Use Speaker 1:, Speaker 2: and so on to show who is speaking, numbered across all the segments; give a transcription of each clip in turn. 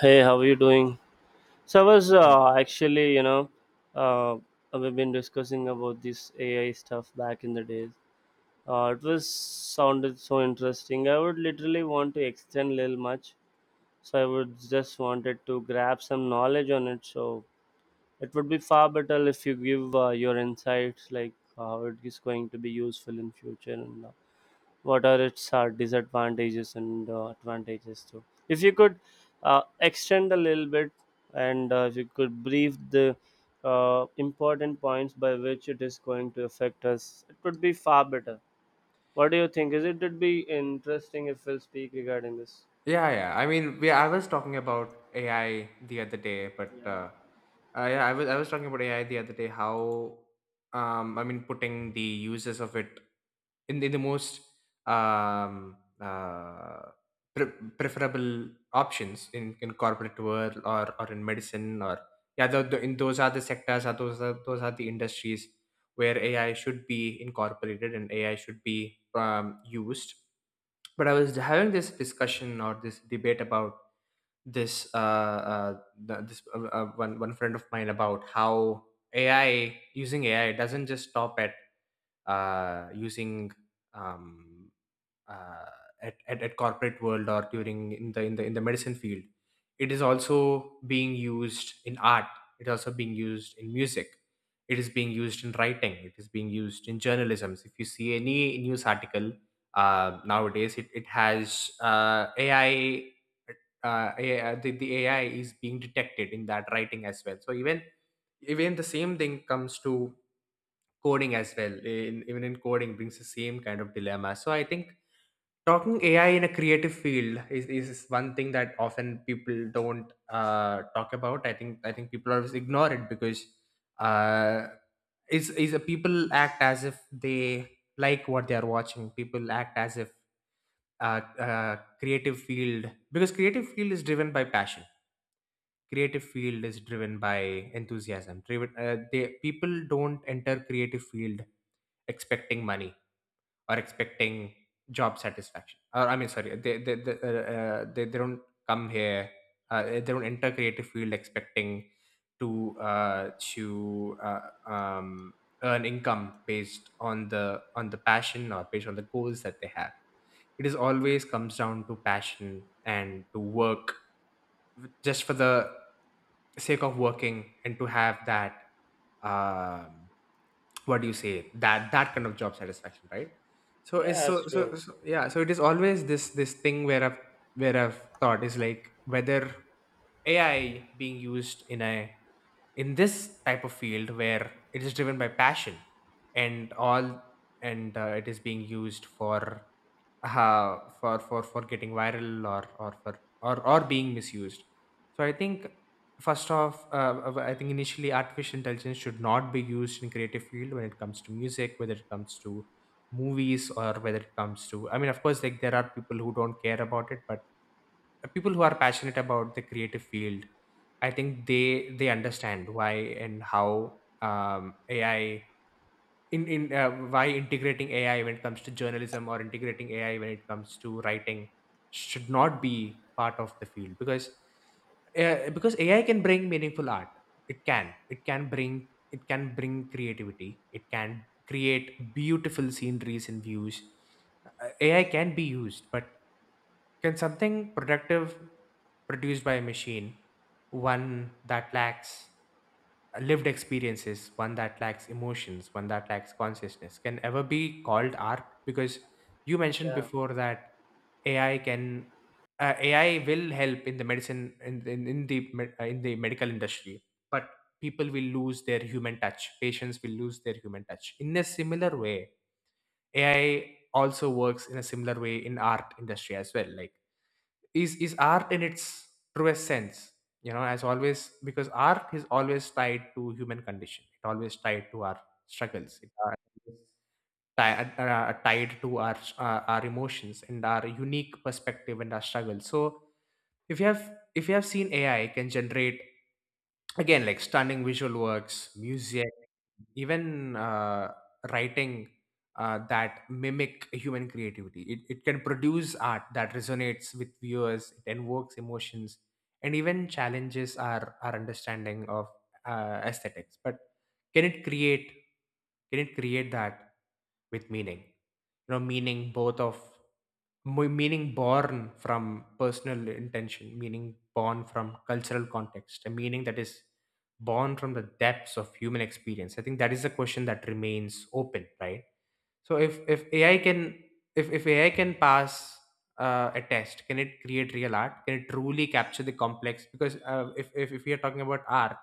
Speaker 1: Hey, how are you doing? So I was
Speaker 2: Yeah,
Speaker 1: actually, uh, we've been discussing about this AI stuff back in the days. It was sounded so interesting. I would literally want to extend little much, so I would just wanted to grab some knowledge on it. So it would be far better if you give your insights, like how it is going to be useful in future and all, what are its disadvantages and advantages too, if you could extend a little bit, and if you could brief the important points by which it is going to affect us, it would be far better. What do you think? Is it would be interesting if we'll speak regarding this?
Speaker 2: yeah, yeah. I mean, I was talking about AI the other day. But Yeah, I was talking about AI the other day. How I mean, putting the uses of it in in the most um, uh, preferable options in corporate world or in medicine or yeah, the, in those are the sectors. Are those are those are the industries where AI should be incorporated, and AI should be used. But I was having this discussion or this debate about this one friend of mine about how AI using AI doesn't just stop at using, um uh, at corporate world, or during in the medicine field. It is also being used in art. It is also being used in music. It is being used in writing. It is being used in journalism. If you see any news article, nowadays it has AI. The AI is being detected in that writing as well. So even the same thing comes to coding as well. Even in coding brings the same kind of dilemma. So I think talking AI in a creative field is one thing that often people don't talk about. I think people always ignore it, because uh, is a people act as if they like what they are watching. People act as if— uh, creative field, because creative field is driven by passion. Creative field is driven by enthusiasm. Driven, they People don't enter creative field expecting money, or expecting job satisfaction, or I mean sorry, they don't come here. They don't enter creative field expecting to earn income based on the passion, or based on the goals that they have. It is always comes down to passion and to work just for the sake of working, and to have that um, what do you say, that kind of job satisfaction, right? So it's
Speaker 1: Yeah, that's
Speaker 2: so, so
Speaker 1: true.
Speaker 2: so yeah, so it is always this thing where I've thought is like whether AI being used in a, in this type of field where it is driven by passion and all, and it is being used for for getting viral, or for or or being misused. So I think first off, I think initially artificial intelligence should not be used in creative field, when it comes to music, whether it comes to movies, or whether it comes to, I mean, of course, like there are people who don't care about it, but people who are passionate about the creative field, I think they understand why and how— ai in why integrating AI when it comes to journalism, or integrating AI when it comes to writing, should not be part of the field, because AI can bring meaningful art. It can. It can bring. It can bring creativity. It can create beautiful sceneries and views. AI can be used. But can something productive produced by a machine, one that lacks? Lived experiences, one that lacks emotions, one that lacks consciousness, can ever be called art? Because you mentioned
Speaker 1: Yeah.
Speaker 2: before that AI can uh, AI will help in the medicine, in in the medical industry, but people will lose their human touch. Patients will lose their human touch. In a similar way, AI also works in a similar way in art industry as well. Like is art in its truest sense, you know, as always, because art is always tied to human condition. It always tied to our struggles. It always tied to our emotions and our unique perspective, and our struggle. So if you have seen, AI can generate, again like, stunning visual works, music, even writing, that mimic human creativity. It can produce art that resonates with viewers. It invokes emotions and even challenges our understanding of aesthetics. But can it create, that, with meaning? You know, meaning both of, meaning born from personal intention, meaning born from cultural context, a meaning that is born from the depths of human experience. I think that is a question that remains open, right? So if AI can, if AI can pass a test, can it create real art? Can it truly capture the complex? Because if, we are talking about art,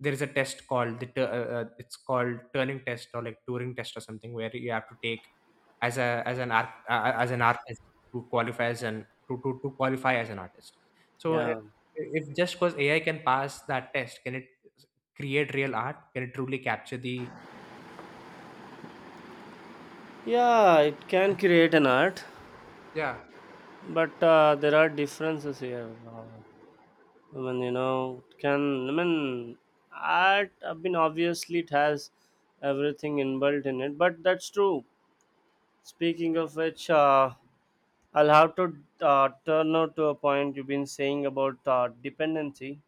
Speaker 2: there is a test called it's called Turing test, or like Turing test or something, where you have to take as an art as an artist, to qualify as an, to qualify as an artist. So
Speaker 1: Yeah,
Speaker 2: if just because AI can pass that test, can it create real art? Can it truly capture the—
Speaker 1: yeah, it can create an art,
Speaker 2: yeah,
Speaker 1: but there are differences here. Uh, I mean, it can, I mean, art, I mean, obviously it has everything inbuilt in it, but that's true. Speaking of which, I'll have to turn out to a point you've been saying about dependency.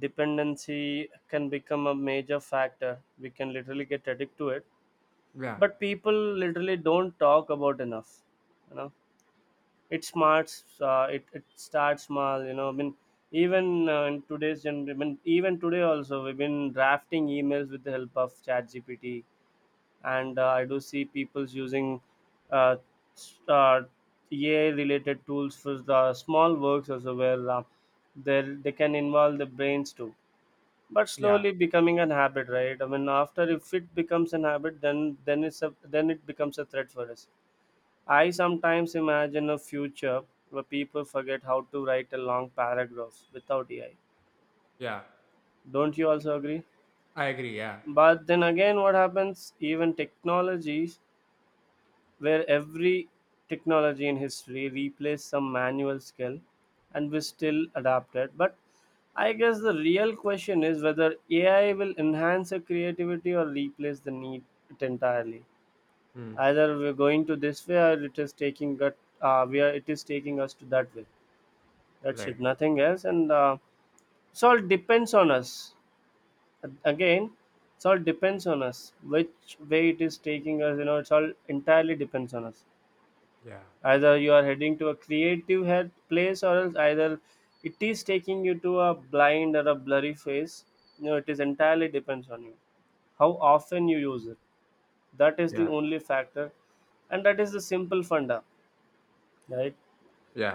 Speaker 1: Dependency can become a major factor. We can literally get addicted to it,
Speaker 2: yeah,
Speaker 1: but people literally don't talk about enough. You know, it starts small, you know, I mean, even in today's gen- I mean, even today also we've been drafting emails with the help of chat GPT, and I do see people's using uh, s- uh, AI related tools for the small works also, where they they can involve the brains too, but
Speaker 2: yeah.
Speaker 1: slowly becoming an habit, right? I mean, after if it becomes an habit, then it becomes a threat for us. I sometimes imagine a future where people forget how to write a long paragraph without AI.
Speaker 2: Yeah,
Speaker 1: Don't you also agree?
Speaker 2: I agree, yeah.
Speaker 1: But then again, what happens, even technologies where every technology in history replaced some manual skill, and we still adapted. But I guess the real question is whether AI will enhance our creativity or replace the need it entirely.
Speaker 2: Mm,
Speaker 1: Either we're going to this way, or it is taking that, we are it is taking us to that way. That's it,
Speaker 2: right.
Speaker 1: nothing else. And it all depends on us. Again, it's all depends on us. Which way it is taking us, it's all entirely depends on us.
Speaker 2: Yeah,
Speaker 1: Either you are heading to a creative head place, or else either it is taking you to a blind or a blurry face. You know, it is entirely depends on you. How often you use it. That is the
Speaker 2: yeah,
Speaker 1: only factor, and that is the simple funda, right?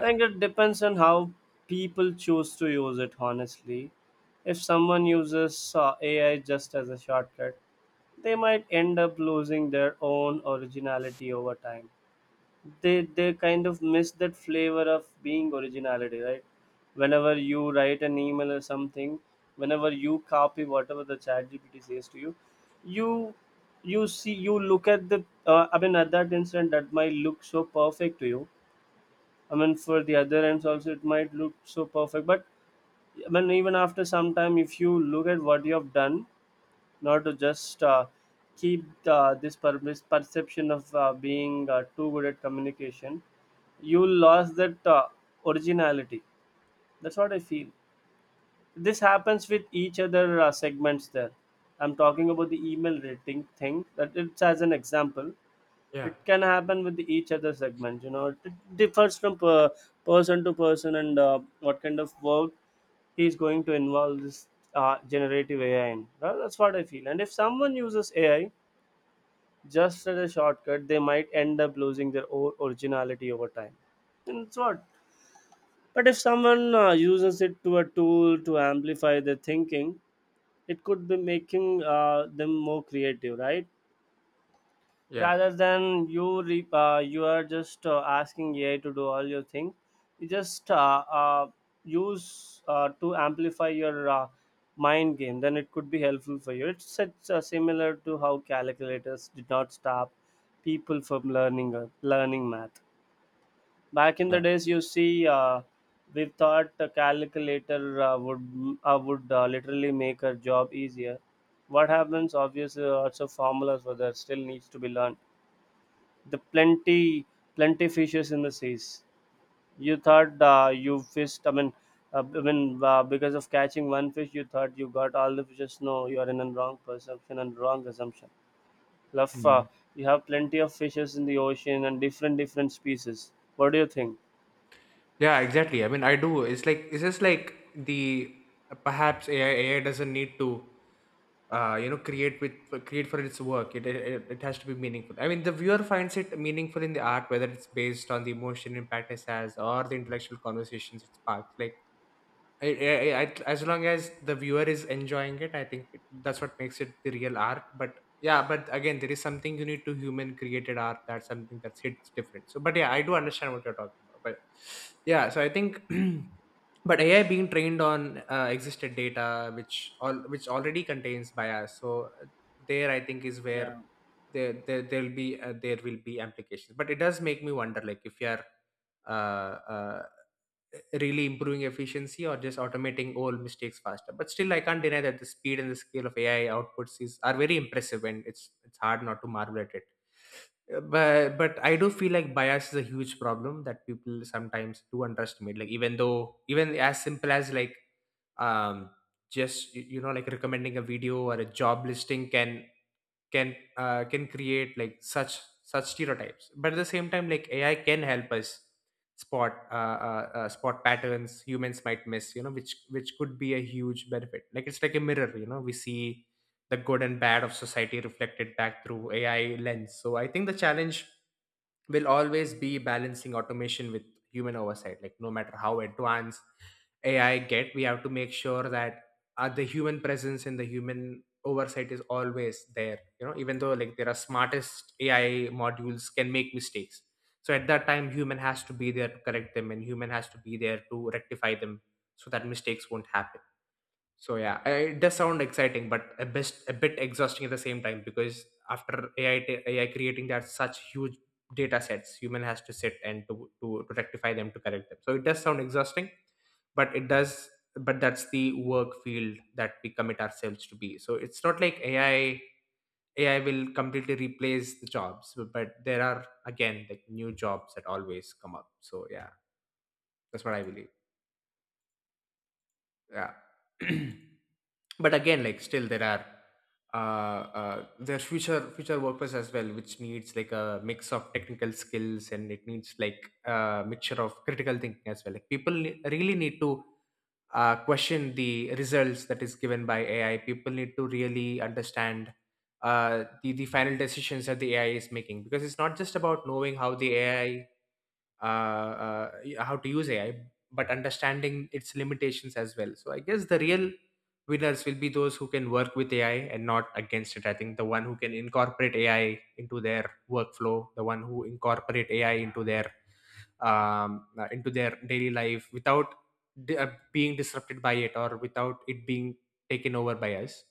Speaker 1: I think it depends on how people choose to use it, honestly. If someone uses AI just as a shortcut, they might end up losing their own originality over time. They kind of miss that flavor of being originality, right? Whenever you write an email or something, whenever you copy whatever the chat GPT says to you, you you see, you look at the, I mean, at that instant that might look so perfect to you. I mean, for the other ends also, it might look so perfect. But I mean, even after some time, if you look at what you have done, not to just keep this perception of being too good at communication, you lost that originality. That's what I feel. This happens with each other segments. There, I'm talking about the email rating thing. That it's as an example,
Speaker 2: yeah,
Speaker 1: it can happen with each other segment. You know, it differs from person to person, and what kind of work he's going to involve this generative AI in. Well, that's what I feel. And if someone uses AI just as a shortcut, they might end up losing their originality over time. And it's what. But if someone uses it to a tool to amplify their thinking, it could be making them more creative, right?
Speaker 2: yeah,
Speaker 1: Rather than you are just asking AI to do all your things. You just use to amplify your mind game. Then it could be helpful for you. It's similar to how calculators did not stop people from learning math. Back in the
Speaker 2: yeah.
Speaker 1: days, you see. We thought a calculator would literally make our job easier. What happens? Obviously, lots of formulas were there, still needs to be learned. The plenty fishes in the seas. You thought you fished. I mean, because of catching one fish, you thought you got all the fishes. No, you are in a wrong perception and wrong assumption. Love,
Speaker 2: Mhm.
Speaker 1: you have plenty of fishes in the ocean and different species. What do you think?
Speaker 2: Yeah, exactly. I mean, I do. It's like it's just like the— perhaps AI doesn't need to create with, create for its work. It has to be meaningful. I mean, the viewer finds it meaningful in the art, whether it's based on the emotion impact it has, or the intellectual conversations it sparks. Like as long as the viewer is enjoying it, I think that's what makes it the real art. But yeah, but again, there is something unique to human created art. That's something that's hits different. So, but yeah, I do understand what you're talking about. But yeah, so I think, but AI being trained on existed data, which already contains bias. So there, I think, is where
Speaker 1: Yeah,
Speaker 2: there will be implications. But it does make me wonder, like if you're uh, uh, really improving efficiency, or just automating old mistakes faster. But still, I can't deny that the speed and the scale of AI outputs is are very impressive, and it's hard not to marvel at it. But I do feel like bias is a huge problem that people sometimes do underestimate, like even though, even as simple as, like um you know, like recommending a video or a job listing can, can create like such stereotypes. But at the same time, like AI can help us spot uh, spot patterns humans might miss, you know, which could be a huge benefit. Like it's like a mirror, you know, we see the good and bad of society reflected back through AI lens. So I think the challenge will always be balancing automation with human oversight. Like no matter how advanced AI get, we have to make sure that the human presence and the human oversight is always there. You know, even though like there are smartest AI modules can make mistakes. So at that time, human has to be there to correct them, and human has to be there to rectify them, so that mistakes won't happen. So yeah, it does sound exciting, but a bit exhausting at the same time, because after AI creating that such huge data sets, human has to sit and to rectify them, to correct them. So it does sound exhausting, but it does but that's the work field that we commit ourselves to be. So it's not like AI will completely replace the jobs, but there are again like new jobs that always come up. So yeah, that's what I believe. Yeah. But again, like still there are there's future workers as well, which needs like a mix of technical skills, and it needs like a mixture of critical thinking as well. Like people really need to question the results that is given by AI. People need to really understand the final decisions that the AI is making, because it's not just about knowing uh, uh, how to use AI, but understanding its limitations as well. So I guess the real winners will be those who can work with AI and not against it. I think the one who can incorporate AI into their workflow, the one who incorporate AI into their daily life without being disrupted by it, or without it being taken over by us,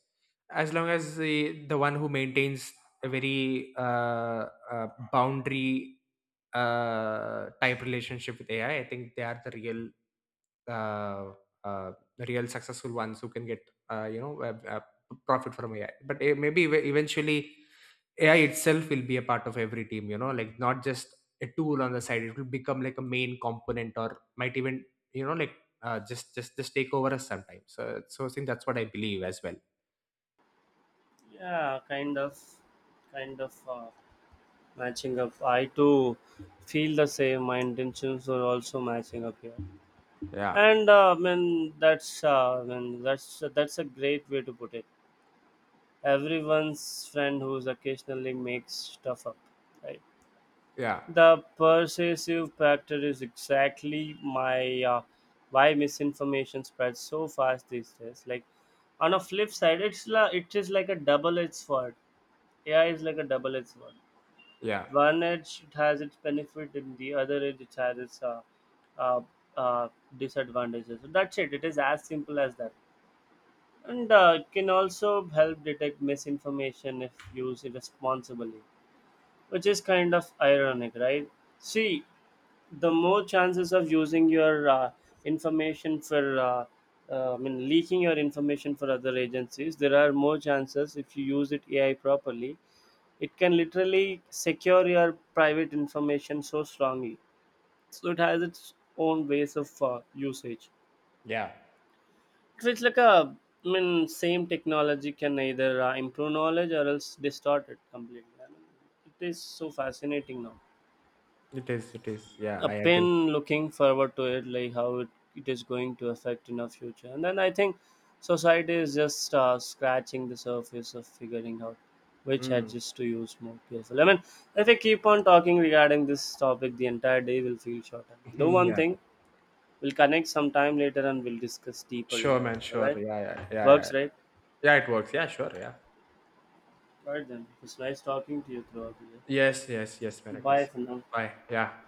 Speaker 2: as long as the one who maintains a very boundary type relationship with AI, I think they are the real— uh, uh, the real successful ones who can get uh, you know uh, uh, profit from AI. But eventually, AI itself will be a part of every team, you know, like not just a tool on the side. It will become like a main component, or might even, you know, like just take over us sometimes. So I think that's what I believe as well.
Speaker 1: yeah, kind of matching up. I too feel the same. My intentions are also matching up here.
Speaker 2: Yeah,
Speaker 1: And I mean, that's I mean that's a great way to put it. Everyone's friend who's occasionally makes stuff up, right?
Speaker 2: yeah,
Speaker 1: The persuasive factor is exactly my why misinformation spreads so fast these days, like. On a flip side, it is like a double edged sword. AI is like a double edged sword.
Speaker 2: yeah,
Speaker 1: One edge, it has its benefit, and the other edge, it has its uh, uh, disadvantages. So, that's it, it is as simple as that. And it can also help detect misinformation if used irresponsibly, which is kind of ironic, right? See, the more chances of using your information for, I mean, leaking your information for other agencies, there are more chances if you use it AI properly. It can literally secure your private information so strongly. So it has its own ways of usage.
Speaker 2: yeah.
Speaker 1: Because it's like a, I mean, same technology can either improve knowledge, or else distort it completely. I mean, it is so fascinating now.
Speaker 2: It is, it is. Yeah,
Speaker 1: A
Speaker 2: I
Speaker 1: pen.
Speaker 2: agree.
Speaker 1: Looking forward to it, like how it is going to affect in our future. And then I think society is just scratching the surface of figuring out which
Speaker 2: Mm.
Speaker 1: edges to use more carefully, I mean. If I keep on talking regarding this topic, the entire day will feel shorter. Do one
Speaker 2: Yeah,
Speaker 1: thing, we'll connect sometime later and we'll discuss deeper
Speaker 2: sure,
Speaker 1: regarding
Speaker 2: man.
Speaker 1: this, all
Speaker 2: Sure.
Speaker 1: right?
Speaker 2: Yeah, yeah, yeah, yeah.
Speaker 1: Works, right?
Speaker 2: Yeah, it works. Yeah, sure. Yeah.
Speaker 1: Alright then, it's nice talking to you throughout the year.
Speaker 2: Yes, yes, yes, man. It
Speaker 1: Bye
Speaker 2: is.
Speaker 1: for now.
Speaker 2: Bye. Yeah.